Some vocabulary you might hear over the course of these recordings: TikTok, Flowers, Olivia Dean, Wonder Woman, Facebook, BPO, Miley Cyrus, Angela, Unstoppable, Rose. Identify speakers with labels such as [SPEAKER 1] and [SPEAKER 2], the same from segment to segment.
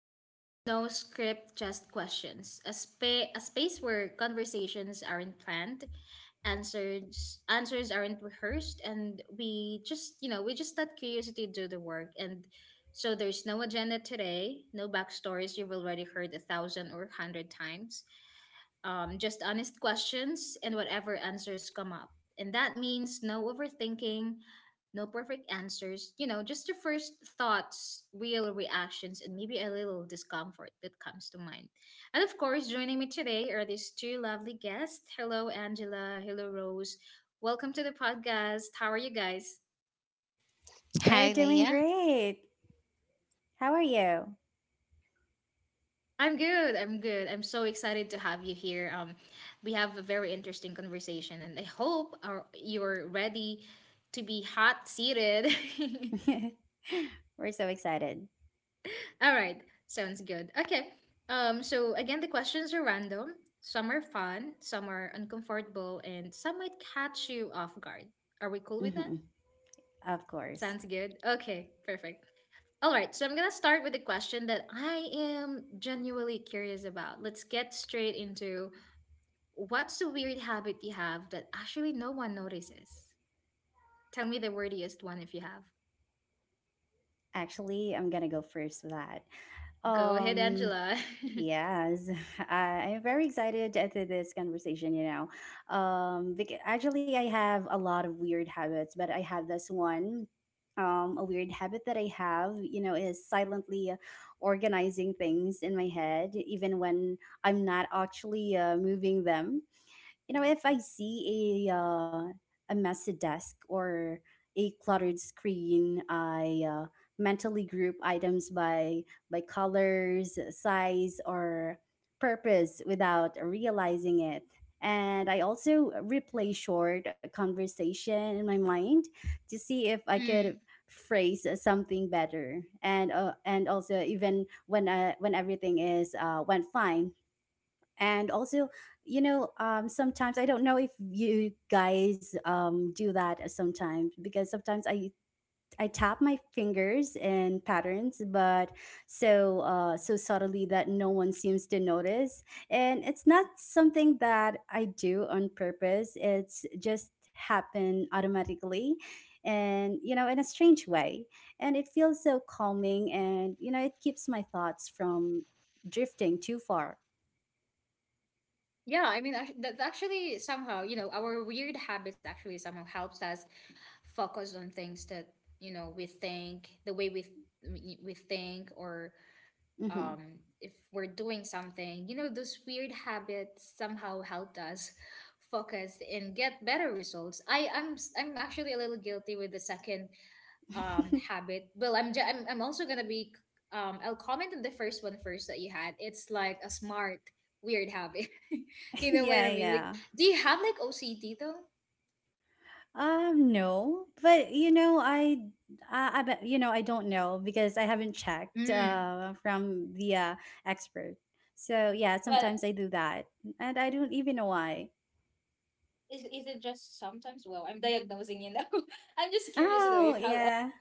[SPEAKER 1] and this is no script, just questions. A space where conversations aren't planned, answers aren't rehearsed, and we just let curiosity do the work. And so there's no agenda today, no backstories you've already heard a thousand or a hundred times just honest questions and whatever answers come up. And that means no overthinking, no perfect answers, just the first thoughts, real reactions, and maybe a little discomfort that comes to mind. And of course, joining me today are these two lovely guests. Hello, Angela. Hello, Rose. Welcome to the podcast. How are you guys?
[SPEAKER 2] We're
[SPEAKER 3] Hi,
[SPEAKER 2] doing
[SPEAKER 3] Leia.
[SPEAKER 2] great. How are you?
[SPEAKER 1] I'm good. I'm good. I'm so excited to have you here. We have a very interesting conversation, and I hope you're ready to be hot seated.
[SPEAKER 2] We're so excited.
[SPEAKER 1] All right, sounds good. Okay. So again, the questions are random. Some are fun, some are uncomfortable, and some might catch you off guard. Are we cool with
[SPEAKER 2] Hmm.
[SPEAKER 1] that?
[SPEAKER 2] Of course.
[SPEAKER 1] Sounds good. Okay, perfect. All right, so I'm gonna start with a question that I am genuinely curious about. Let's get straight into what's the weird habit you have that actually no one notices? Tell me the wordiest one if you have.
[SPEAKER 2] Actually, I'm gonna go first for that.
[SPEAKER 1] Go ahead,
[SPEAKER 2] Um,
[SPEAKER 1] Angela.
[SPEAKER 2] yes, I'm very excited to this conversation. You know, because actually, I have a lot of weird habits, but I have this one. A weird habit that I have, you know, is silently organizing things in my head, even when I'm not actually moving them. You know, if I see a messy desk or a cluttered screen, I mentally group items by colors, size or purpose without realizing it. And I also replay short conversation in my mind to see if I could
[SPEAKER 1] Mm.
[SPEAKER 2] phrase something better, and also even when everything is went fine. And also, you know, sometimes I don't know if you guys do that sometimes, because sometimes I tap my fingers in patterns, but so subtly that no one seems to notice. And it's not something that I do on purpose, it's just happen automatically. And you know, in a strange way, and it feels so calming, and you know, it keeps my thoughts from drifting too far.
[SPEAKER 1] Yeah, I mean, that's actually somehow, you know, our weird habits actually somehow helps us focus on things that we think, the way we think, or
[SPEAKER 2] Hmm.
[SPEAKER 1] if we're doing something, you know, those weird habits somehow helped us focus and get better results. I'm actually a little guilty with the second habit. Well, I'm also gonna be I'll comment on the first one first that you had. It's like a smart weird habit. You know what
[SPEAKER 2] Yeah,
[SPEAKER 1] I mean? Like,
[SPEAKER 2] yeah.
[SPEAKER 1] do you have, like, OCD though?
[SPEAKER 2] No, but you know, you know, I don't know because I haven't checked
[SPEAKER 1] Mm.
[SPEAKER 2] from the expert. So yeah,
[SPEAKER 1] But
[SPEAKER 2] sometimes I do that, and I don't even know why.
[SPEAKER 1] is it just sometimes? Well, I'm diagnosing you now. I'm just curious though
[SPEAKER 2] Oh
[SPEAKER 1] if
[SPEAKER 2] yeah.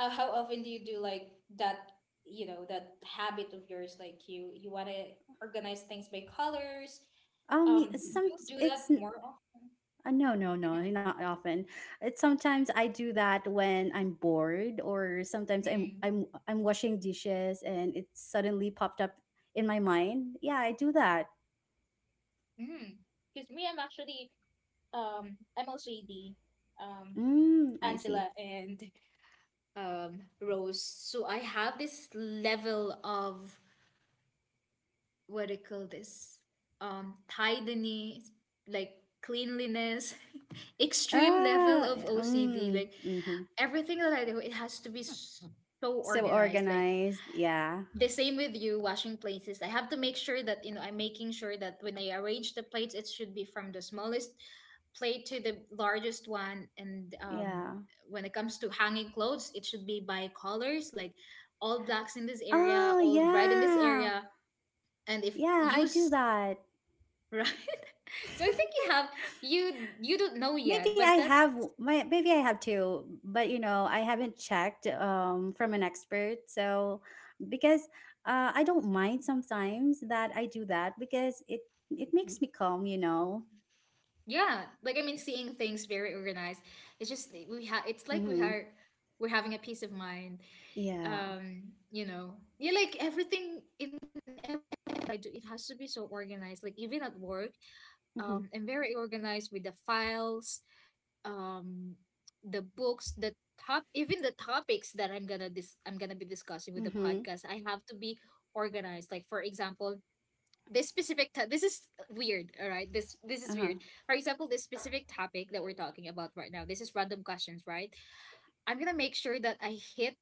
[SPEAKER 1] how often do you do like that? You know, that habit of yours, like you want to organize things by colors.
[SPEAKER 2] Um, y-
[SPEAKER 1] Do
[SPEAKER 2] some
[SPEAKER 1] you do
[SPEAKER 2] it's
[SPEAKER 1] that
[SPEAKER 2] n-
[SPEAKER 1] more often?
[SPEAKER 2] no, no, no, not often. It's sometimes I do that when I'm bored, or sometimes I'm
[SPEAKER 1] Mm.
[SPEAKER 2] I'm I'm washing dishes, and it suddenly popped up in my mind. Yeah, I do that.
[SPEAKER 1] Mm. Because me, I'm actually MLJD, um
[SPEAKER 2] Mm, I see.
[SPEAKER 1] Angela, and Rose. So I have this level of, what do you call this, tidiness, like cleanliness, extreme level
[SPEAKER 2] Ah,
[SPEAKER 1] of OCD.
[SPEAKER 2] mm,
[SPEAKER 1] Like
[SPEAKER 2] mhm.
[SPEAKER 1] everything that I do, it has to be so
[SPEAKER 2] So
[SPEAKER 1] organized. Like,
[SPEAKER 2] organized, yeah.
[SPEAKER 1] the same with you washing plates is I have to make sure that, I'm making sure that when I arrange the plates, it should be from the smallest plate to the largest one. And
[SPEAKER 2] Yeah.
[SPEAKER 1] when it comes to hanging clothes, it should be by colors. Like, all blacks in this area,
[SPEAKER 2] Oh,
[SPEAKER 1] all red in this
[SPEAKER 2] yeah.
[SPEAKER 1] area, and if
[SPEAKER 2] Yeah,
[SPEAKER 1] you
[SPEAKER 2] I do
[SPEAKER 1] s-
[SPEAKER 2] that.
[SPEAKER 1] right, so I think you have, you don't know yet, but that,
[SPEAKER 2] Maybe I have two, but you know, I haven't checked from an expert. So, because I don't mind sometimes that I do that, because it makes me calm, you know.
[SPEAKER 1] yeah, like I mean, seeing things very organized, it's just we have it's like we
[SPEAKER 2] Mhm.
[SPEAKER 1] are we're having a peace of mind.
[SPEAKER 2] Yeah.
[SPEAKER 1] um you know, yeah, like everything in life I do, it has to be so organized. Like, even at work,
[SPEAKER 2] Mhm.
[SPEAKER 1] I'm very organized with the files, um the books, the top even the topics that I'm gonna be discussing with the
[SPEAKER 2] Mhm.
[SPEAKER 1] podcast. I have to be organized. Like, for example, this is weird. All right, this is
[SPEAKER 2] Uh-huh.
[SPEAKER 1] weird. For example, this specific topic that we're talking about right now, this is random questions, right? I'm gonna make sure that I hit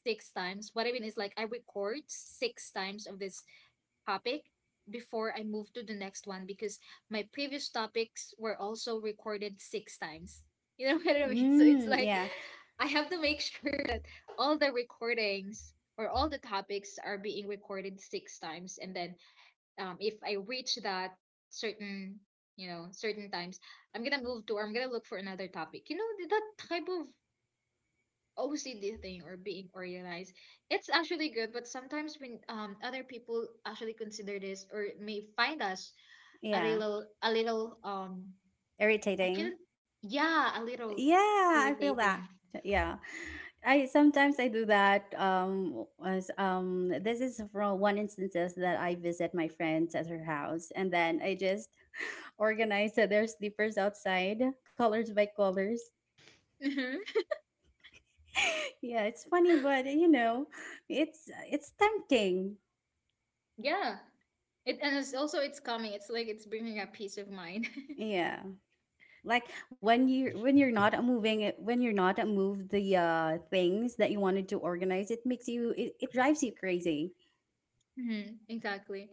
[SPEAKER 1] six times. What I mean is, like, I record six times of this topic before I move to the next one, because my previous topics were also recorded six times. You know what I mean? So it's
[SPEAKER 2] Mm,
[SPEAKER 1] like
[SPEAKER 2] yeah.
[SPEAKER 1] I have to make sure that all the recordings or all the topics are being recorded six times. And then if I reach that certain, you know, certain times, I'm gonna move to, or I'm gonna look for another topic. You know, that type of OCD thing, or being organized. It's actually good, but sometimes when other people actually consider this, or may find us a
[SPEAKER 2] Yeah.
[SPEAKER 1] little, I feel,
[SPEAKER 2] Irritating.
[SPEAKER 1] yeah, a little
[SPEAKER 2] Yeah, I feel that.
[SPEAKER 1] irritating.
[SPEAKER 2] Yeah. I sometimes I do that as this is from one instances that I visit my friends at her house, and then I just organize their sleepers outside colors by colors.
[SPEAKER 1] Mhm.
[SPEAKER 2] Yeah, it's funny, but you know, it's tempting.
[SPEAKER 1] Yeah. It and it's calming. It's like it's bringing a peace of mind.
[SPEAKER 2] Yeah. Like when you're not moving it, when you're not move the things that you wanted to organize, it makes you, it drives you crazy.
[SPEAKER 1] Hmm. Exactly.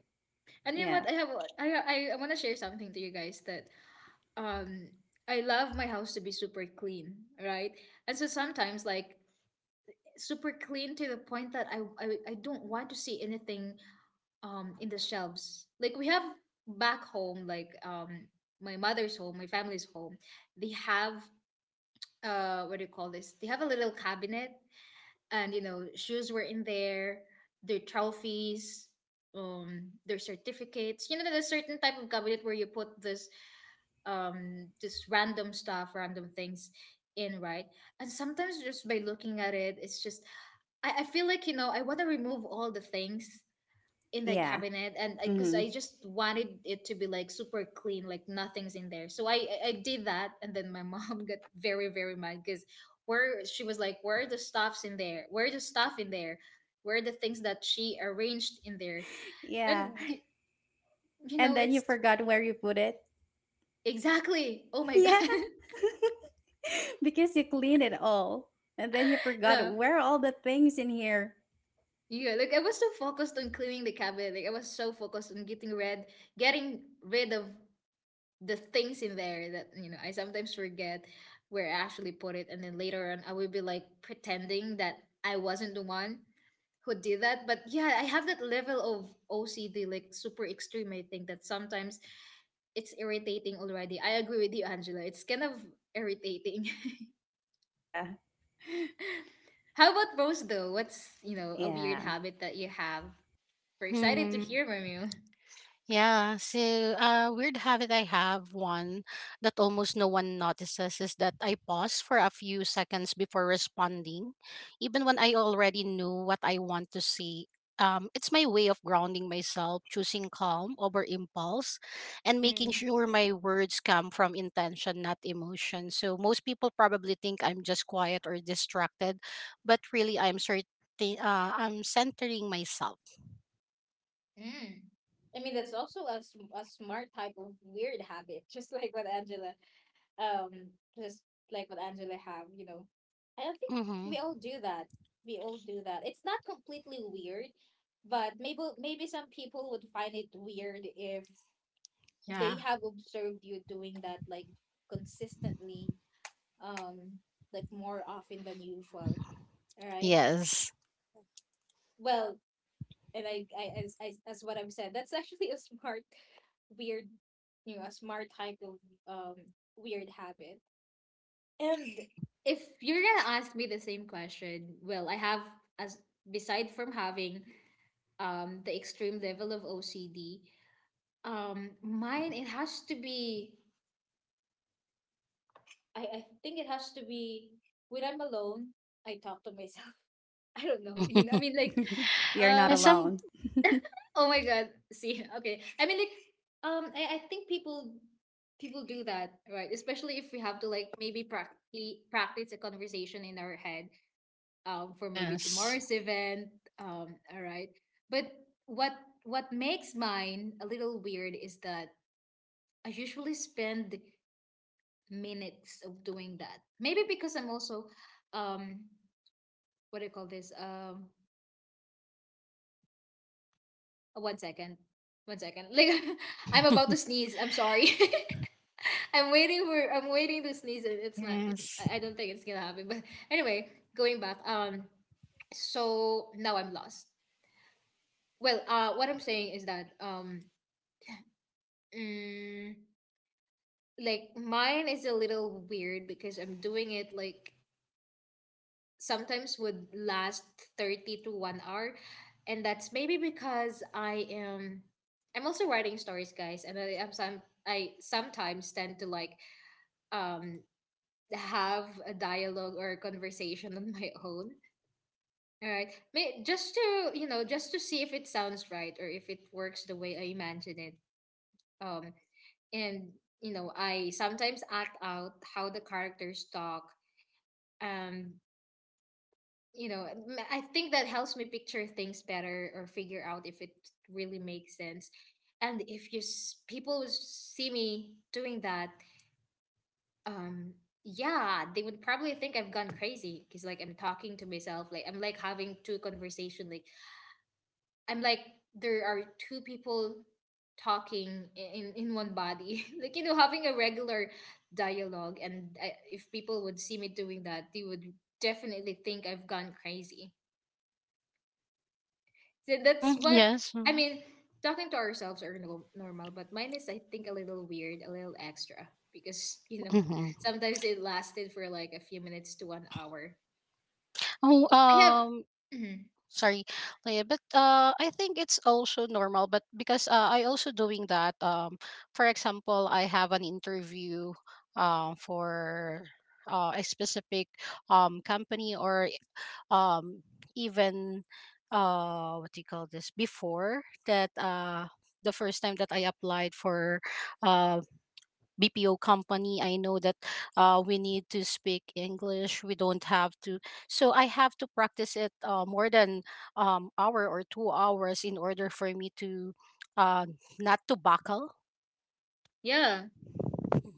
[SPEAKER 1] And you know
[SPEAKER 2] Yeah.
[SPEAKER 1] what? I have a- I want to share something to you guys, that um I love my house to be super clean, right? And so sometimes, like, super clean to the point that I don't want to see anything in the shelves. Like, we have, back home, like, my mother's home, my family's home, they have, uh, what do you call this, they have a little cabinet, and, you know, shoes were in there, their trophies, their certificates. You know, there's a certain type of cabinet where you put this, just random stuff, random things in, right? And sometimes, just by looking at it, it's just, I feel like, I want to remove all the things in that
[SPEAKER 2] Yeah.
[SPEAKER 1] cabinet, and I because
[SPEAKER 2] Mhm.
[SPEAKER 1] I just wanted it to be like super clean, like nothing's in there. So I did that, and then my mom got very, very mad because, where, she was like, where are the stuffs in there, where are the stuff in there, where are the things that she arranged in there,
[SPEAKER 2] Yeah.
[SPEAKER 1] and y- you
[SPEAKER 2] And
[SPEAKER 1] know
[SPEAKER 2] then you
[SPEAKER 1] it's
[SPEAKER 2] forgot where you put it.
[SPEAKER 1] exactly, oh my god.
[SPEAKER 2] Yeah. Because you clean it all. And then you forgot
[SPEAKER 1] no
[SPEAKER 2] where are all the things in here.
[SPEAKER 1] yeah like, I was so focused on cleaning the cabinet, like, I was so focused on getting rid of the things in there that, you know, I sometimes forget where I actually put it, and then later on I will be like pretending that I wasn't the one who did that. But yeah, I have that level of OCD, like super extreme. I think that sometimes it's irritating already. I agree with you, Angela. It's kind of irritating.
[SPEAKER 2] Yeah.
[SPEAKER 1] How about Rose though? What's a weird
[SPEAKER 2] Yeah.
[SPEAKER 1] habit that you have? We're excited to
[SPEAKER 3] Hmm.
[SPEAKER 1] hear from you.
[SPEAKER 3] Yeah, so a weird habit I have one that almost no one notices is that I pause for a few seconds before responding, even when I already knew what I want to say. It's my way of grounding myself, choosing calm over impulse, and making
[SPEAKER 1] Mm.
[SPEAKER 3] sure my words come from intention, not emotion. So most people probably think I'm just quiet or distracted, but really I'm centering myself.
[SPEAKER 1] Mm. I mean, that's also a smart type of weird habit, just like what um, just Angela have, you know. I don't think
[SPEAKER 3] Mm-hmm.
[SPEAKER 1] we all do that. We all do that. It's not completely weird, but maybe some people would find it weird if they
[SPEAKER 3] Yeah.
[SPEAKER 1] have observed you doing that, like, consistently, um, like more often than usual. All right.
[SPEAKER 3] Yes.
[SPEAKER 1] Well, and, I as what I've said, that's actually a smart, weird, you know, a smart type of um weird habit. And
[SPEAKER 3] Mhm.
[SPEAKER 1] if you're gonna ask me the same question, well, I have, as beside from having the extreme level of OCD, mine, it has to be, I think it has to be, when I'm alone, I talk to myself. I don't know,
[SPEAKER 3] Mhm.
[SPEAKER 1] you know, I mean, like,
[SPEAKER 2] You're not
[SPEAKER 3] And
[SPEAKER 1] um
[SPEAKER 3] some
[SPEAKER 2] alone.
[SPEAKER 1] oh my god, see. Okay, I mean, like, I think people do that, right? Especially if we have to, like, maybe practically practice a conversation in our head for maybe
[SPEAKER 3] yes.
[SPEAKER 1] tomorrow's event. All right. But what what makes mine a little weird is that I usually spend minutes of doing that, maybe because I'm also, um what do you call this, One second. One second. Like, I'm about to sneeze. I'm sorry. I'm waiting to sneeze, and it's not, it's,
[SPEAKER 3] Yes.
[SPEAKER 1] I don't think it's gonna happen. But anyway, going back, so now I'm lost. Well, what I'm saying is that, mm, like, mine is a little weird because I'm doing it, like, sometimes would last 30 to 1 hour, and that's maybe because I'm also writing stories, guys, and I sometimes tend to, like, um have a dialogue or a conversation on my own, all right May, just to, you know, just to see if it sounds right or if it works the way I imagine it. Um and you know, I sometimes act out how the characters talk, um you know, I think that helps me picture things better or figure out if it really makes sense. And if you s- people s- see me doing that, um yeah, they would probably think I've gone crazy, because, like, I'm talking to myself, like, I'm like having two conversation, like, I'm like there are two people talking in one body, like, you know, having a regular dialogue. And if people would see me doing that, they would definitely think I've gone crazy. So that's
[SPEAKER 3] Mhm.
[SPEAKER 1] what
[SPEAKER 3] Yes.
[SPEAKER 1] I
[SPEAKER 3] Mhm.
[SPEAKER 1] mean. Talking to ourselves are no, normal, but mine is, I think, a little weird, a little extra because
[SPEAKER 3] hmm
[SPEAKER 1] sometimes it lasted for like a few minutes to 1 hour.
[SPEAKER 3] Oh,
[SPEAKER 1] I have, Mhm.
[SPEAKER 3] sorry, Leah, but I think it's also normal. But because I also doing that. For example, I have an interview, for a specific company or um even what do you call this before that the first time that I applied for uh BPO company I know that we need to speak English we don't have to so I have to practice it more than hour or 2 hours in order for me to uh not to buckle.
[SPEAKER 1] yeah,
[SPEAKER 3] Mhm.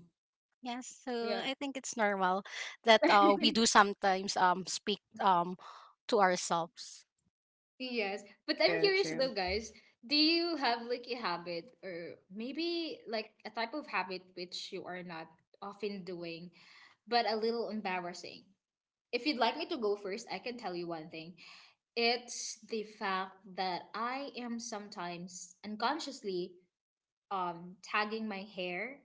[SPEAKER 3] Yes, so
[SPEAKER 1] yeah,
[SPEAKER 3] I think it's normal that we do sometimes speak to ourselves.
[SPEAKER 1] yes. But I'm
[SPEAKER 2] True,
[SPEAKER 1] curious
[SPEAKER 2] true.
[SPEAKER 1] though, guys. Do you have like a habit or maybe like a type of habit which you are not often doing, but a little embarrassing? If you'd like me to go first, I can tell you one thing. It's the fact that I am sometimes unconsciously tagging my hair.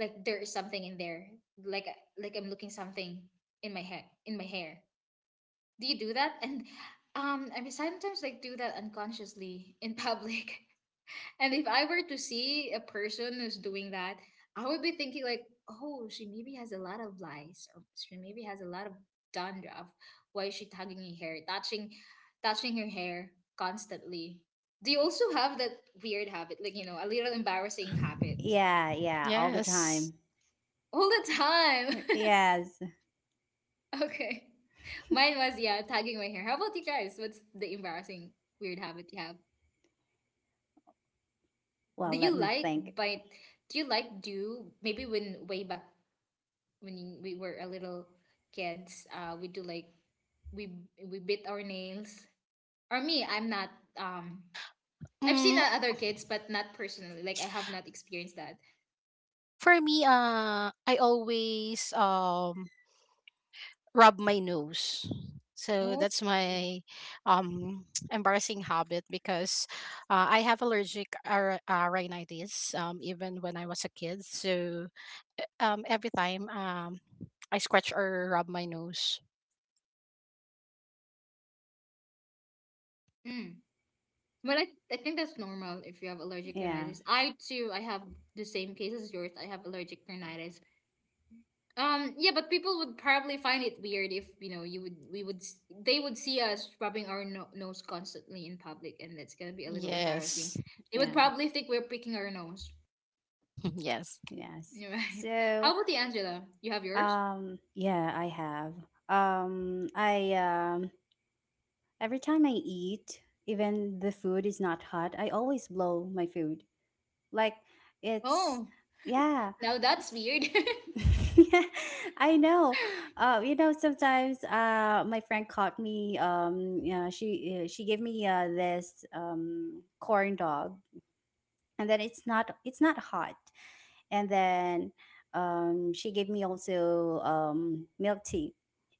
[SPEAKER 1] Like there is something in there. Like like I'm looking something in my hair. Do you do that? And I mean, sometimes like do that unconsciously in public. And if I were to see a person who's doing that, I would be thinking like, oh, she maybe has a lot of lice, or she maybe has a lot of dandruff. Why is she tugging her hair, touching, touching her hair constantly? Do you also have that weird habit, like, a little embarrassing habit
[SPEAKER 2] Yeah, yeah, all the
[SPEAKER 3] Yes.
[SPEAKER 2] time.
[SPEAKER 1] all the time?
[SPEAKER 2] Yes.
[SPEAKER 1] Okay, mine was yeah, tugging my hair. How about you guys? What's the embarrassing weird habit you have?
[SPEAKER 2] Well,
[SPEAKER 1] Do
[SPEAKER 2] let
[SPEAKER 1] you
[SPEAKER 2] me
[SPEAKER 1] like
[SPEAKER 2] think.
[SPEAKER 1] bite? Do you like do maybe when way back when we were a little kids, we do like we we bit our nails. Or me, I'm not. Um, I've seen
[SPEAKER 3] Mm,
[SPEAKER 1] other kids, but not personally. Like I have not experienced that.
[SPEAKER 3] for me, I always rub my nose. So
[SPEAKER 1] Oh,
[SPEAKER 3] that's my um embarrassing habit because I have allergic rhinitis even when I was a kid. So every time I scratch or rub my nose.
[SPEAKER 1] mm. Well, I think that's normal if you have allergic
[SPEAKER 2] Yeah.
[SPEAKER 1] rhinitis. I too, I have the same case as yours. I have allergic rhinitis. Yeah, but people would probably find it weird if you would we would they would see us rubbing our nose constantly in public, and that's gonna be a little embarrassing.
[SPEAKER 3] Yes.
[SPEAKER 1] They would
[SPEAKER 2] Yeah.
[SPEAKER 1] probably think we're picking our nose.
[SPEAKER 3] yes.
[SPEAKER 2] Yes.
[SPEAKER 1] You're right.
[SPEAKER 2] So,
[SPEAKER 1] How about the Angela? You have yours?
[SPEAKER 2] yeah, I have. I Every time I eat, even the food is not hot, I always blow my food, like it's
[SPEAKER 1] Oh.
[SPEAKER 2] yeah.
[SPEAKER 1] Now that's weird.
[SPEAKER 2] Yeah, I know. You know, sometimes my friend caught me, yeah, she gave me this corn dog, and then it's not hot. And then she gave me also milk tea.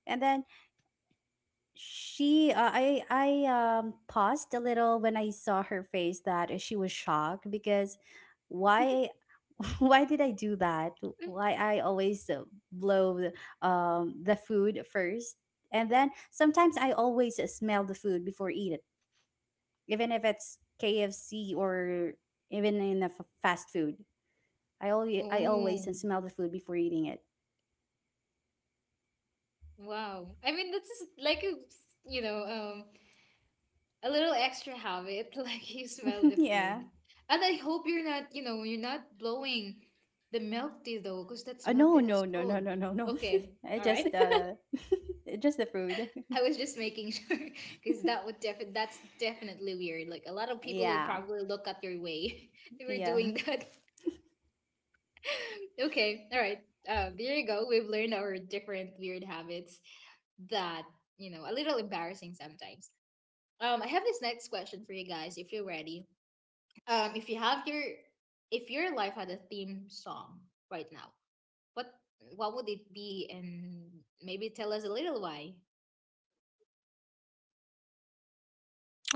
[SPEAKER 2] And then she I paused a little when I saw her face, that she was shocked. Because why, why did I do that? Why I always blow the food first? And then sometimes I always smell the food before eat it. Even if it's KFC, or even in the fast food, I always
[SPEAKER 1] Oh.
[SPEAKER 2] smell the food before eating it.
[SPEAKER 1] Wow. I mean, that's just like a little extra habit, like you smell the
[SPEAKER 2] Yeah.
[SPEAKER 1] food. And I hope you're not, you're not blowing the milk tea though, because that's milk
[SPEAKER 2] No,
[SPEAKER 1] tea that's
[SPEAKER 2] no, no, no,
[SPEAKER 1] cold.
[SPEAKER 2] no, no, no.
[SPEAKER 1] Okay.
[SPEAKER 2] It's
[SPEAKER 1] All right.
[SPEAKER 2] just it's just the food.
[SPEAKER 1] I was just making sure, because that's definitely weird. Like a lot of people would
[SPEAKER 2] Yeah,
[SPEAKER 1] probably look at your way if you're
[SPEAKER 2] yeah,
[SPEAKER 1] doing that. Okay, all right. There you go. We've learned our different weird habits that, a little embarrassing sometimes. I have this next question for you guys if you're ready. Um, if you have your if your life had a theme song right now, what what would it be and maybe tell us a little why?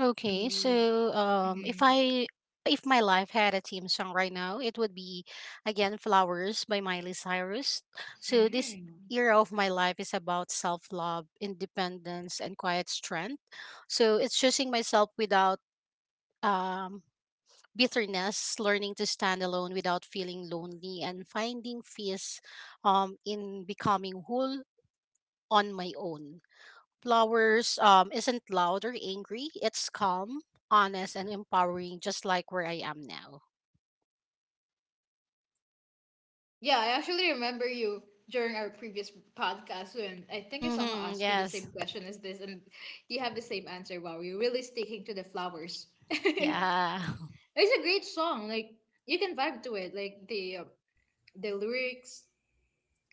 [SPEAKER 3] Okay,
[SPEAKER 1] Maybe
[SPEAKER 3] so if my life had a theme song right now, it would be again "Flowers" by Miley Cyrus. So this
[SPEAKER 1] mm-hmm.
[SPEAKER 3] era of my life is about self-love, independence, and quiet strength. So it's choosing myself without um, bitterness, learning to stand alone without feeling lonely, and finding peace in becoming whole on my own. Flowers isn't loud or angry. It's calm, honest, and empowering, just like where I am now.
[SPEAKER 1] Yeah, I actually remember you during our previous podcast when I think I somehow
[SPEAKER 3] Mm-hmm,
[SPEAKER 1] asked you the
[SPEAKER 3] yes.
[SPEAKER 1] same question as this, and you have the same answer. Wow, you're really sticking to the flowers. It's
[SPEAKER 3] Yeah.
[SPEAKER 1] a great song. Like you can vibe to it. Like the lyrics,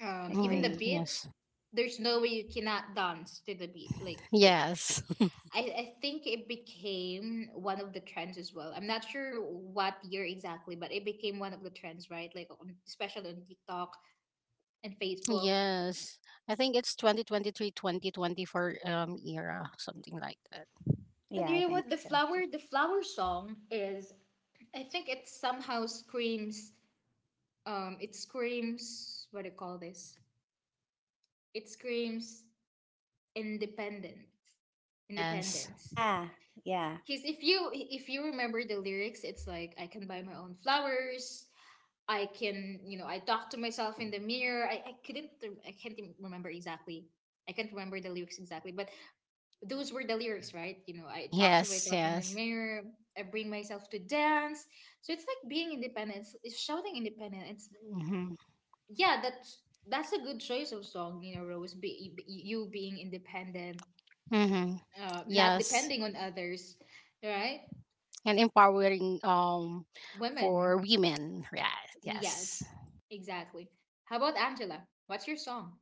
[SPEAKER 1] even
[SPEAKER 3] Mm-hmm,
[SPEAKER 1] the
[SPEAKER 2] agree.
[SPEAKER 1] beat.
[SPEAKER 3] yes.
[SPEAKER 1] There's no way you cannot dance to the beat. Like the,
[SPEAKER 3] Yes.
[SPEAKER 1] I, I think it became one of the trends as well. I'm not sure what year exactly, but it became one of the trends, right? Like on, especially on TikTok and Facebook.
[SPEAKER 3] Yes. I think it's 2023, 2024 era, something like that.
[SPEAKER 1] And you
[SPEAKER 2] Yeah,
[SPEAKER 1] know
[SPEAKER 2] I
[SPEAKER 1] what?
[SPEAKER 2] think so too.
[SPEAKER 1] The flower song is. I think it somehow screams. It screams. What do you call this? It screams independent,
[SPEAKER 3] Yes.
[SPEAKER 1] independence.
[SPEAKER 2] Yeah, yeah.
[SPEAKER 1] Because if you remember the lyrics, it's like I can buy my own flowers. I can, you know, I talk to myself in the mirror. I can't even remember exactly. I can't remember the lyrics exactly, but those were the lyrics, right? You know, I talk to
[SPEAKER 3] Yes.
[SPEAKER 1] myself in the
[SPEAKER 3] Yes.
[SPEAKER 1] mirror, I bring myself to dance. So it's like being independent, it's shouting independent. It's
[SPEAKER 3] Mm-hmm.
[SPEAKER 1] yeah, that's a good choice of song, you know, Rose. You being independent,
[SPEAKER 3] Mm-hmm.
[SPEAKER 1] not
[SPEAKER 3] Yes.
[SPEAKER 1] depending on others, right?
[SPEAKER 3] And empowering
[SPEAKER 1] Women,
[SPEAKER 3] for women. Yeah. Yes.
[SPEAKER 1] yes, exactly. How about Angela? What's your song?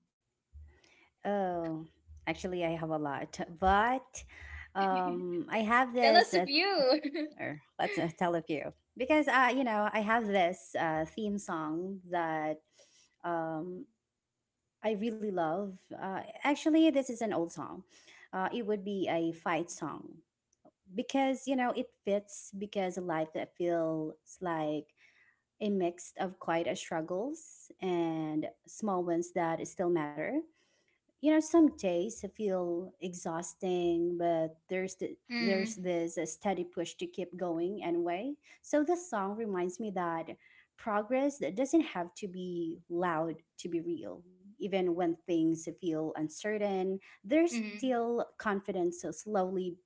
[SPEAKER 2] Oh, actually, I have a lot, but I have
[SPEAKER 1] Tell
[SPEAKER 2] this.
[SPEAKER 1] us of you.
[SPEAKER 2] Or let's tell a few, because you know, I have this theme song that um I really love. Actually, this is an old song. It would be a fight song, because you know it fits, because a life that feels like a mix of quite a struggles and small ones that still matter. You know, some days feel exhausting, but there's
[SPEAKER 1] Mm,
[SPEAKER 2] this steady push to keep going anyway. So the song reminds me that progress that doesn't have to be loud to be real. Even when things feel uncertain, there's
[SPEAKER 1] hmm.
[SPEAKER 2] still confidence slowly,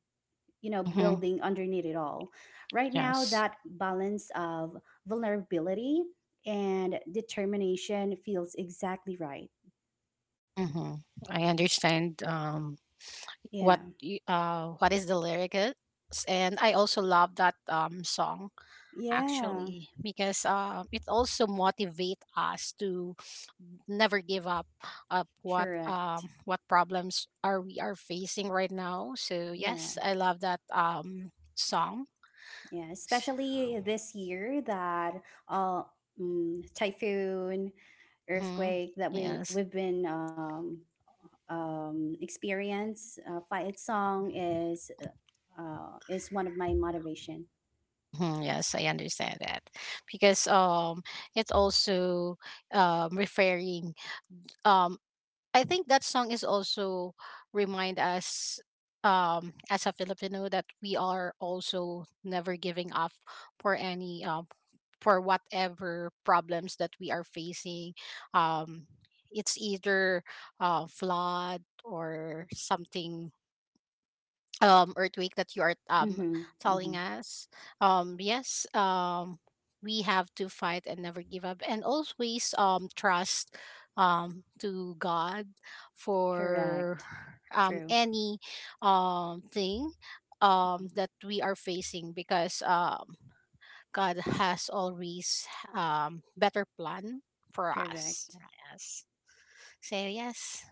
[SPEAKER 2] you know,
[SPEAKER 3] Mm-hmm.
[SPEAKER 2] building underneath it all. Right now,
[SPEAKER 3] Yes.
[SPEAKER 2] that balance of vulnerability and determination feels exactly right.
[SPEAKER 3] Mm-hmm. I understand
[SPEAKER 2] Yeah,
[SPEAKER 3] what is the lyric is, and I also love that song
[SPEAKER 2] yeah.
[SPEAKER 3] actually because it also motivates us to never give up up
[SPEAKER 2] Correct.
[SPEAKER 3] what problems are we are facing right now. So
[SPEAKER 2] Yeah,
[SPEAKER 3] yes, I love that song.
[SPEAKER 2] yeah. Especially this year that uh, typhoon,
[SPEAKER 3] Mm-hmm.
[SPEAKER 2] earthquake that we
[SPEAKER 3] Yes.
[SPEAKER 2] we've been, experience. Fight song is one of my motivation.
[SPEAKER 3] Mm-hmm. Yes, I understand that because it's also referring um, I think that song is also remind us as a Filipino that we are also never giving up for any for whatever problems that we are facing um it's either flood or something earthquake that you are
[SPEAKER 2] Mm-hmm, mm-hmm.
[SPEAKER 3] telling us yes we have to fight and never give up and always trust to god
[SPEAKER 2] Correct.
[SPEAKER 3] for
[SPEAKER 2] True.
[SPEAKER 3] any thing that we are facing because god has always better plan for us.
[SPEAKER 2] Correct.
[SPEAKER 3] Yes, so yes,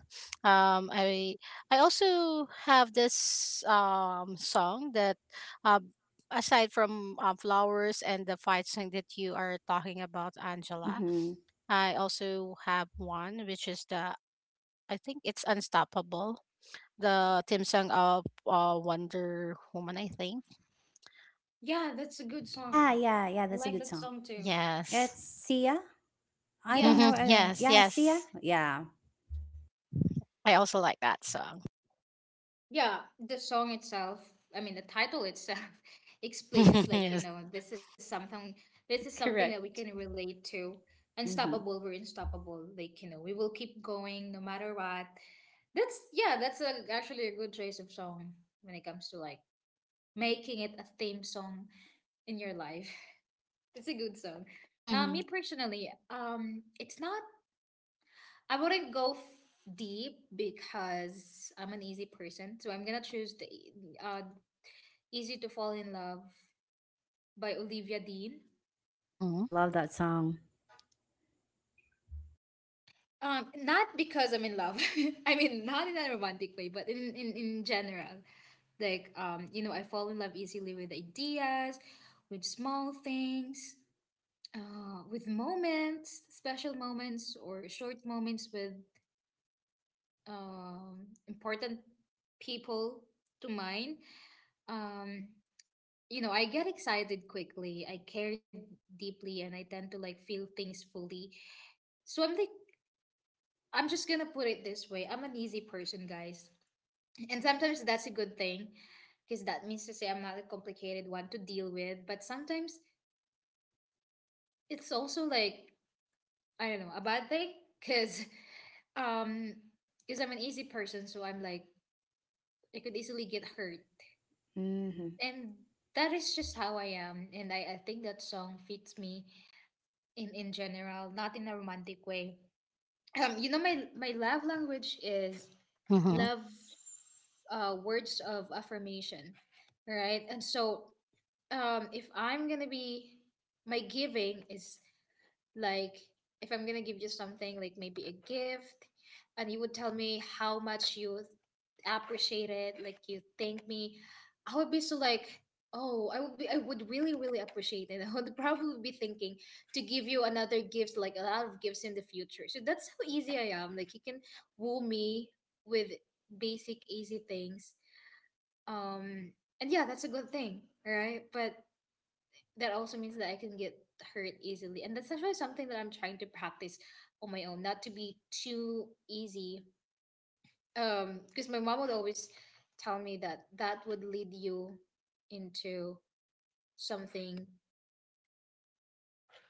[SPEAKER 3] um, I I also have this song that um aside from flowers and the fight song that you are talking about, Angela,
[SPEAKER 2] Mm-hmm.
[SPEAKER 3] I also have one which is the I think it's Unstoppable, the theme song of Wonder Woman. I think
[SPEAKER 1] Yeah, that's a good
[SPEAKER 2] Yeah,
[SPEAKER 1] song.
[SPEAKER 2] yeah, yeah.
[SPEAKER 1] I
[SPEAKER 2] That's a
[SPEAKER 1] like
[SPEAKER 2] good
[SPEAKER 1] that
[SPEAKER 2] song.
[SPEAKER 1] song too.
[SPEAKER 3] yes,
[SPEAKER 2] It's Sia. I don't
[SPEAKER 1] Yeah,
[SPEAKER 2] know.
[SPEAKER 3] yes,
[SPEAKER 2] Yeah, Sia.
[SPEAKER 3] yes.
[SPEAKER 2] Yeah.
[SPEAKER 3] I also like that song.
[SPEAKER 1] Yeah, the song itself, I mean the title itself explains like, you
[SPEAKER 3] yes.
[SPEAKER 1] know, this is something that we
[SPEAKER 2] Correct.
[SPEAKER 1] can relate to.
[SPEAKER 2] Mm-hmm.
[SPEAKER 1] Unstoppable, we're unstoppable. Like, you know, we will keep going no matter what. That's yeah, that's a, actually a good choice of song when it comes to like making it a theme song in your life. It's a good song.
[SPEAKER 3] Mm-hmm.
[SPEAKER 1] Me personally, it's not I wouldn't go deep because I'm an easy person, so I'm gonna choose the Easy to Fall in Love by Olivia Dean.
[SPEAKER 2] Oh,
[SPEAKER 3] Mm-hmm.
[SPEAKER 2] I love that song.
[SPEAKER 1] Not because I'm in love. I mean, not in a romantic way, but in general. Like, you know, I fall in love easily with ideas, with small things, with moments, special moments, or short moments with important people to mine. Um, you know, I get excited quickly, I care deeply, and I tend to like feel things fully. So I'm like I'm just gonna put it this way. I'm an easy person, guys. And sometimes that's a good thing because that means to say I'm not a complicated one to deal with. But sometimes it's also like, I don't know, a bad thing because um, cause I'm an easy person. So I'm like, I could easily get hurt.
[SPEAKER 2] Mm-hmm.
[SPEAKER 1] And that is just how I am. And I think that song fits me in general, not in a romantic way. Um, you know, my love language is
[SPEAKER 3] Mm-hmm.
[SPEAKER 1] love words of affirmation, right? And so if I'm gonna be my giving is like, if I'm gonna give you something, like maybe a gift, and you would tell me how much you appreciate it, like you thank me, I would be so like, oh, I would really, really appreciate it. I would probably be thinking to give you another gift, like a lot of gifts in the future. So that's how easy I am. Like you can woo me with basic, easy things. Um, and yeah, that's a good thing, right? But that also means that I can get hurt easily. And that's actually something that I'm trying to practice on my own, not to be too easy. Because my mom would always tell me that that would lead you into something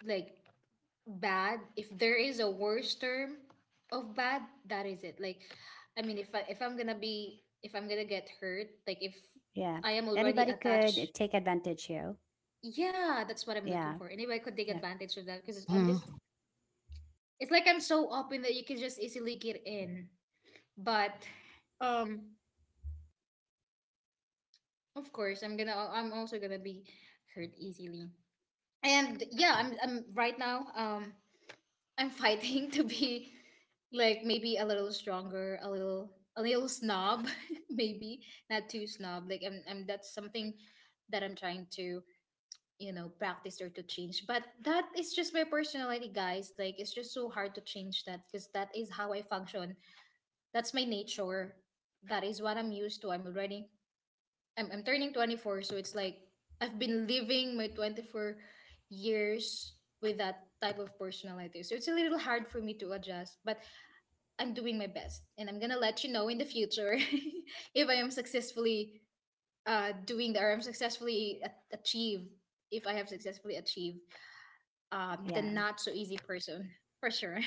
[SPEAKER 1] like bad. If there is a worse term of bad, that is it. Like, I mean, if I'm gonna get hurt, like if
[SPEAKER 2] Yeah.
[SPEAKER 1] I am already
[SPEAKER 2] Anybody
[SPEAKER 1] attached,
[SPEAKER 2] could take advantage, you.
[SPEAKER 1] yeah, that's what I'm looking
[SPEAKER 2] Yeah,
[SPEAKER 1] for. Anyway, I could take
[SPEAKER 2] yeah,
[SPEAKER 1] advantage of that because I'm
[SPEAKER 3] Mm-hmm.
[SPEAKER 1] just It's like I'm so open that you can just easily get in. But um of course I'm also gonna be hurt easily. And yeah, I'm right now I'm fighting to be like maybe a little stronger, a little snob, maybe not too snob. Like I'm that's something that I'm trying to you know practice or to change. But that is just my personality, guys. Like it's just so hard to change that because that is how I function. That's my nature. That is what I'm used to. I'm already I'm turning 24, so it's like I've been living my 24 years with that type of personality. So it's a little hard for me to adjust, but I'm doing my best and I'm going to let you know in the future if I am successfully doing that or I'm successfully a- achieve if I have successfully achieved the
[SPEAKER 2] yeah.
[SPEAKER 1] not so easy person for sure.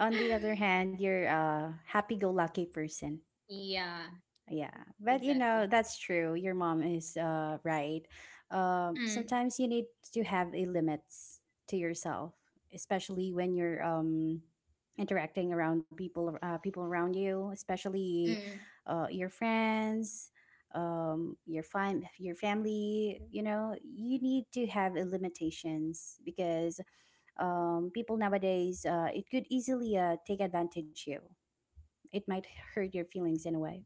[SPEAKER 2] On the other hand, you're a happy-go-lucky person.
[SPEAKER 1] Yeah,
[SPEAKER 2] Yeah, but you know,
[SPEAKER 1] exactly.
[SPEAKER 2] that's true. Your mom is right.
[SPEAKER 1] Mm,
[SPEAKER 2] Sometimes you need to have a limits to yourself, especially when you're interacting around people around you, especially
[SPEAKER 1] mm.
[SPEAKER 2] your friends, your your family. You know, you need to have a limitations, because people nowadays it could easily take advantage you. It might hurt your feelings in a way.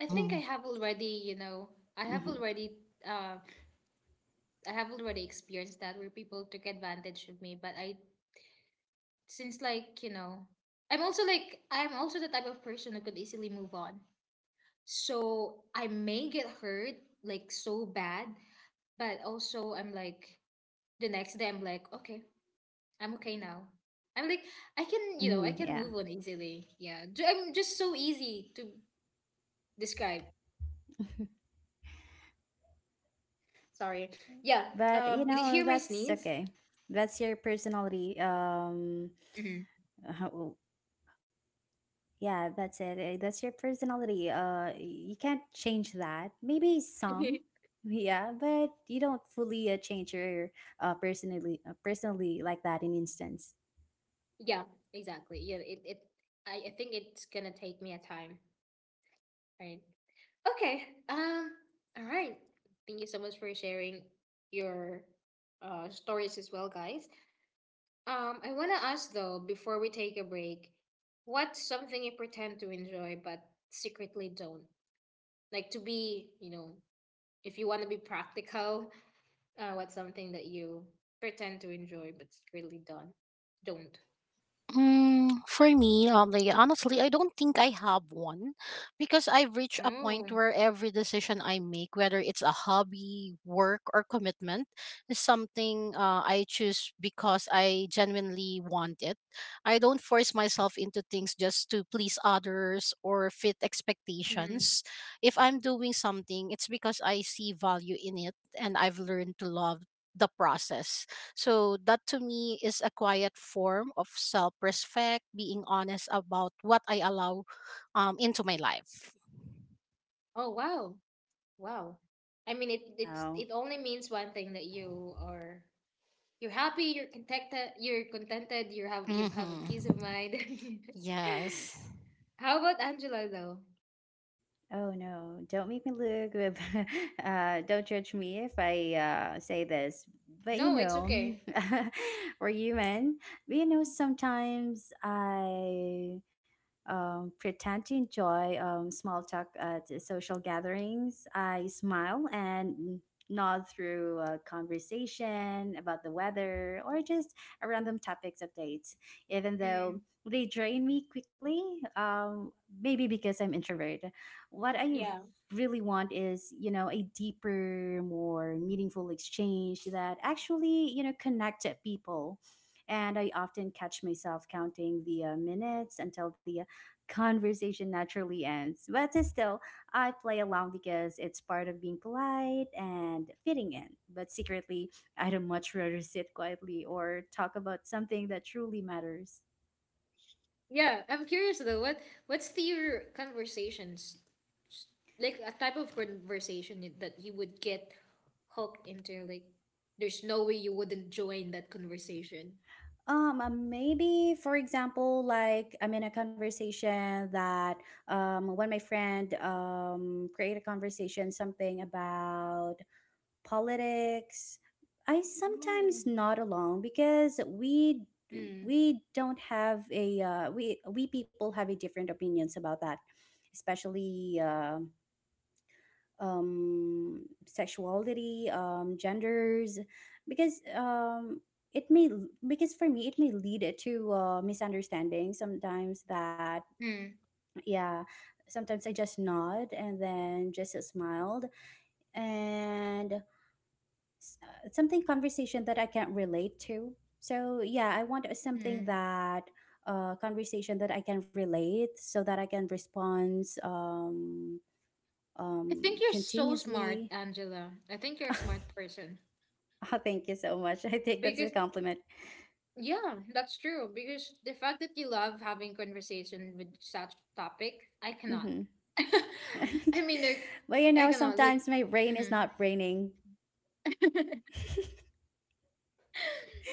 [SPEAKER 1] I think I have already, you know, I have
[SPEAKER 2] Mm-hmm.
[SPEAKER 1] already, uh, I have already experienced that where people took advantage of me. Since like, you know, I'm also the type of person who could easily move on. So I may get hurt like so bad, but also I'm like, the next day I'm like, okay, I'm okay now. I'm like, I can, you know, I
[SPEAKER 2] Mm,
[SPEAKER 1] can
[SPEAKER 2] yeah.
[SPEAKER 1] move on easily. Yeah. I'm just so easy to describe. Sorry. Yeah.
[SPEAKER 2] But you
[SPEAKER 1] Did you
[SPEAKER 2] know,
[SPEAKER 1] hear my
[SPEAKER 2] that's
[SPEAKER 1] sneeze?
[SPEAKER 2] okay. That's your personality.
[SPEAKER 1] Mm-hmm.
[SPEAKER 2] How- yeah, that's it. That's your personality. You can't change that. Maybe some. Yeah, but you don't fully change your personally like that in instance.
[SPEAKER 1] Yeah, exactly. Yeah, it I think it's gonna take me a time. Right. Okay. All right. Thank you so much for sharing your stories as well, guys. I wanna ask though, before we take a break, what's something you pretend to enjoy but secretly don't? Like to be, you know, if you wanna be practical, what's something that you pretend to enjoy but secretly don't don't.
[SPEAKER 3] For me, honestly, I don't think I have one because I've reached a
[SPEAKER 1] Oh.
[SPEAKER 3] point where every decision I make, whether it's a hobby, work, or commitment, is something I choose because I genuinely want it. I don't force myself into things just to please others or fit
[SPEAKER 1] Hmm.
[SPEAKER 3] expectations. If I'm doing something, it's because I see value in it and I've learned to love the process. So that to me is a quiet form of self-respect, being honest about what I allow into my life.
[SPEAKER 1] Oh wow. Wow. I mean, it it's
[SPEAKER 2] Wow.
[SPEAKER 1] it only means one thing, that you're happy, you're contented, you have a
[SPEAKER 3] Mhm.
[SPEAKER 1] peace of mind.
[SPEAKER 3] Yes.
[SPEAKER 1] How about Angela though?
[SPEAKER 2] Oh no, don't make me look. Don't judge me if I say this, but you
[SPEAKER 1] No, it's
[SPEAKER 2] know,
[SPEAKER 1] okay.
[SPEAKER 2] we're human. But you know, sometimes I pretend to enjoy small talk at social gatherings. I smile and nod through a conversation about the weather or just a random topics updates, even though
[SPEAKER 1] Mm,
[SPEAKER 2] they drain me quickly. Um, maybe because I'm introvert. What I
[SPEAKER 1] yeah,
[SPEAKER 2] really want is, you know, a deeper, more meaningful exchange that actually, you know, connect people, and I often catch myself counting the minutes until the conversation naturally ends. But still, I play along because it's part of being polite and fitting in. But secretly, I'd much rather sit quietly, or talk about something that truly matters.
[SPEAKER 1] yeah. I'm curious though. What's the your conversations s- like? A type of conversation that you would get hooked into? Like, there's no way you wouldn't join that conversation.
[SPEAKER 2] Maybe for example, like I'm in a conversation that, when my friend create a conversation something about politics. I
[SPEAKER 1] Oh.
[SPEAKER 2] sometimes nod along, because
[SPEAKER 1] Mm,
[SPEAKER 2] we don't have a we people have a different opinions about that, especially um, sexuality, genders, because it may because for me it may lead it to misunderstanding sometimes. That,
[SPEAKER 1] mm,
[SPEAKER 2] yeah, sometimes I just nod and then just smiled, and something conversation that I can't relate to. So yeah, I want something
[SPEAKER 1] mm.
[SPEAKER 2] that conversation that I can relate, so that I can respond,
[SPEAKER 1] I think you're so smart,
[SPEAKER 2] continuously.
[SPEAKER 1] Angela. I think you're a
[SPEAKER 2] Oh,
[SPEAKER 1] smart person.
[SPEAKER 2] thank you so much. I take that as
[SPEAKER 1] Because,
[SPEAKER 2] a compliment.
[SPEAKER 1] yeah, that's true. Because the fact that you love having conversation with such topic, I cannot.
[SPEAKER 2] Hmm.
[SPEAKER 1] I mean, like,
[SPEAKER 2] But you
[SPEAKER 1] I
[SPEAKER 2] know,
[SPEAKER 1] cannot. Like,
[SPEAKER 2] sometimes my brain is
[SPEAKER 1] mhm.
[SPEAKER 2] not braining.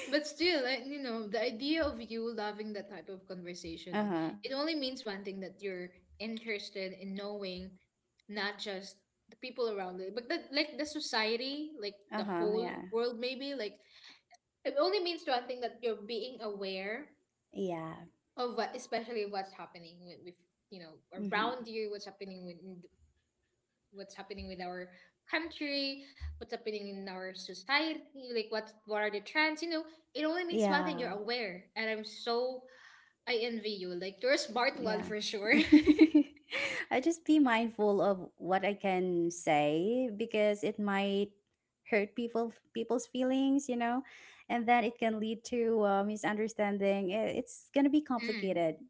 [SPEAKER 1] but still, like, you know, the idea of you loving that type of conversation,
[SPEAKER 2] Uh
[SPEAKER 1] it
[SPEAKER 2] huh.
[SPEAKER 1] it only means one thing, that you're interested in knowing not just the people around it, but the, like the society, like the
[SPEAKER 2] Uh huh.
[SPEAKER 1] whole
[SPEAKER 2] Yeah.
[SPEAKER 1] world, maybe. Like, it only means one thing, that you're being aware
[SPEAKER 2] Yeah.
[SPEAKER 1] of what, especially what's happening with, you know
[SPEAKER 2] Hmm.
[SPEAKER 1] around you, what's happening with our country, what's happening in our society, like what are the trends? You know, it only means one thing: you're
[SPEAKER 2] Yeah.
[SPEAKER 1] aware. And I'm so I envy you. Like you're a smart one for
[SPEAKER 2] Yeah.
[SPEAKER 1] sure.
[SPEAKER 2] I just be mindful of what I can say, because it might hurt people's feelings, you know, and then it can lead to misunderstanding. It's gonna be
[SPEAKER 1] Mm.
[SPEAKER 2] complicated.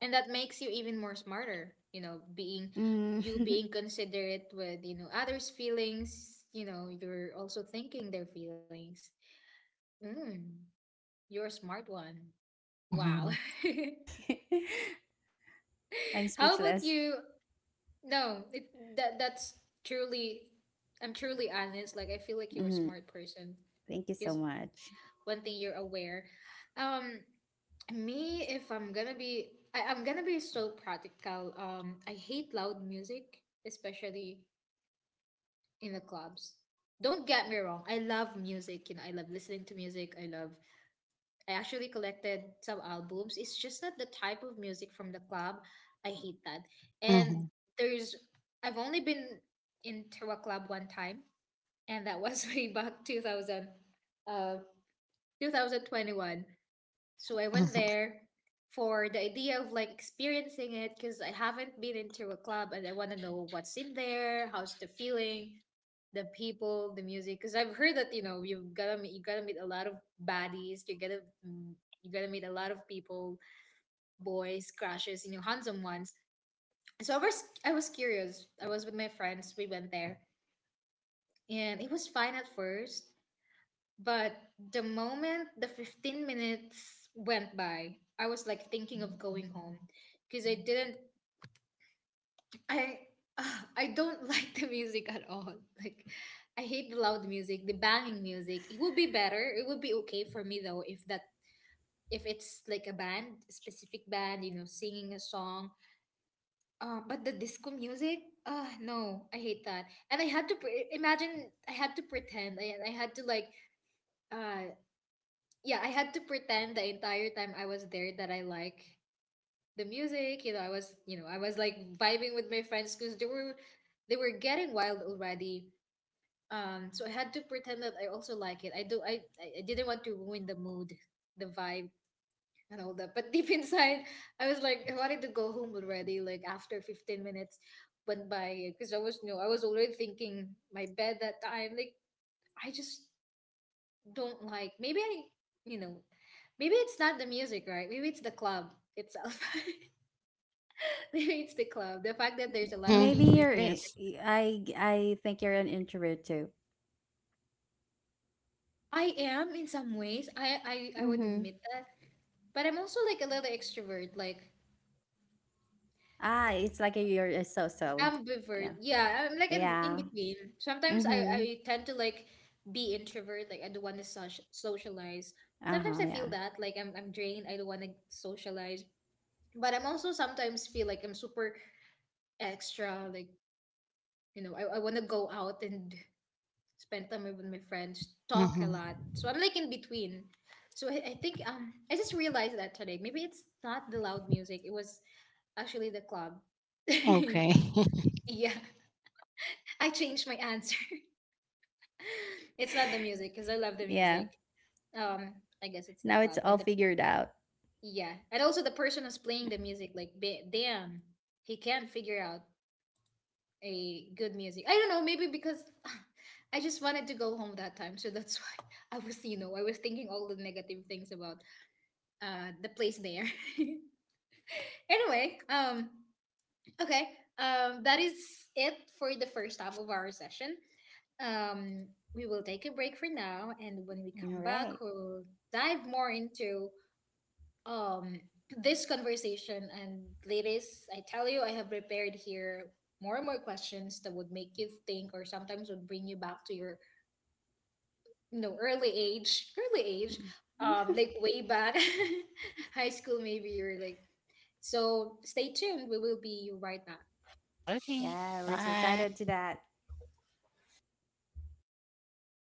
[SPEAKER 1] And that makes you even more smarter, you know, being
[SPEAKER 2] Mm.
[SPEAKER 1] you being considerate with, you know, others' feelings, you know, you're also thinking their feelings. Mm, you're a smart one. Wow.
[SPEAKER 3] Mhm.
[SPEAKER 2] I'm
[SPEAKER 1] How about
[SPEAKER 2] speechless.
[SPEAKER 1] you? No, it, that's truly. I'm truly honest. Like I feel like you're a
[SPEAKER 2] Mhm.
[SPEAKER 1] smart person.
[SPEAKER 2] Thank you
[SPEAKER 1] Because
[SPEAKER 2] so much.
[SPEAKER 1] one thing, you're aware. Um, me, if I'm gonna be, I'm gonna be so practical. I hate loud music, especially in the clubs. Don't get me wrong. I love music. You know, I love listening to music. I actually collected some albums. It's just not the type of music from the club. I hate that. And
[SPEAKER 3] Mhm.
[SPEAKER 1] there's I've only been into a club one time, and that was way back 2000 uh 2021. So I went
[SPEAKER 3] Mhm.
[SPEAKER 1] there for the idea of like experiencing it because I haven't been into a club and I want to know what's in there, how's the feeling, the people, the music. Because I've heard that you know you gotta meet a lot of baddies, mm, you gotta meet a lot of people, boys, crushes, you know, handsome ones. So I was curious. I was with my friends. We went there and it was fine at first. But the moment the 15 minutes went by, I was like thinking of going home because I didn't I I don't like the music at all. Like I hate the loud music, the banging music. It would be better. It would be okay for me though if that if it's like a band, specific band, you know, singing a song. But the disco music, no, I hate that. And I had to pretend. I had to like uh yeah, I had to pretend the entire time I was there that I like the music. You know, I was like vibing with my friends because they were getting wild already. So I had to pretend that I also like it. I do. I didn't want to ruin the mood, the vibe, and all that. But deep inside, I was like, I wanted to go home already. Like after 15 minutes went by, because I was already thinking my bed that time. Like I just don't like. Maybe I, you know, maybe it's not the music, right? Maybe it's the club itself. Maybe it's the club. The fact that there's a lot
[SPEAKER 3] Mhm.
[SPEAKER 1] of
[SPEAKER 2] Maybe
[SPEAKER 1] people in.
[SPEAKER 2] you're a-
[SPEAKER 3] Yes.
[SPEAKER 2] I I think you're an introvert too.
[SPEAKER 1] I am in some ways. I would
[SPEAKER 2] Mm-hmm.
[SPEAKER 1] admit that, but I'm also like a little extrovert, like
[SPEAKER 2] Ah, it's like you're a so-so.
[SPEAKER 1] ambivert.
[SPEAKER 2] Yeah.
[SPEAKER 1] Yeah, I'm like in
[SPEAKER 2] Yeah.
[SPEAKER 1] between. Sometimes I
[SPEAKER 2] Mm-hmm.
[SPEAKER 1] tend to like be introvert, like I don't want to socialize. Sometimes
[SPEAKER 2] Uh-huh.
[SPEAKER 1] I
[SPEAKER 2] Yeah.
[SPEAKER 1] feel that like I'm drained. I don't want to socialize, but I'm also sometimes feel like I'm super extra, like you know, I want to go out and spend time with my friends, talk a
[SPEAKER 3] Mhm.
[SPEAKER 1] lot. So I'm like in between. So I think I just realized that today. Maybe it's not the loud music. It was actually the club. Yeah,
[SPEAKER 3] Okay.
[SPEAKER 1] I changed my answer. It's not the music because I love the
[SPEAKER 2] Yeah.
[SPEAKER 1] music. Um, I guess it's the
[SPEAKER 2] Now it's
[SPEAKER 1] club
[SPEAKER 2] all
[SPEAKER 1] and
[SPEAKER 2] figured out.
[SPEAKER 1] and also the person who's playing the music. Like, damn, he can't figure out a good music. I don't know, maybe because I just wanted to go home that time, so that's why I was thinking all the negative things about the place there. Anyway, okay, that is it for the first half of our session. Um we will take a break for now, and when we
[SPEAKER 2] All
[SPEAKER 1] come back
[SPEAKER 2] right.
[SPEAKER 1] we'll dive more into um this conversation. And ladies, I tell you, I have prepared here more and more questions that would make you think, or sometimes would bring you back to your you know early age, like way back high school maybe, or like, so stay tuned, we will be right back.
[SPEAKER 3] okay.
[SPEAKER 2] Yeah, we're so excited
[SPEAKER 3] Bye.
[SPEAKER 2] to that.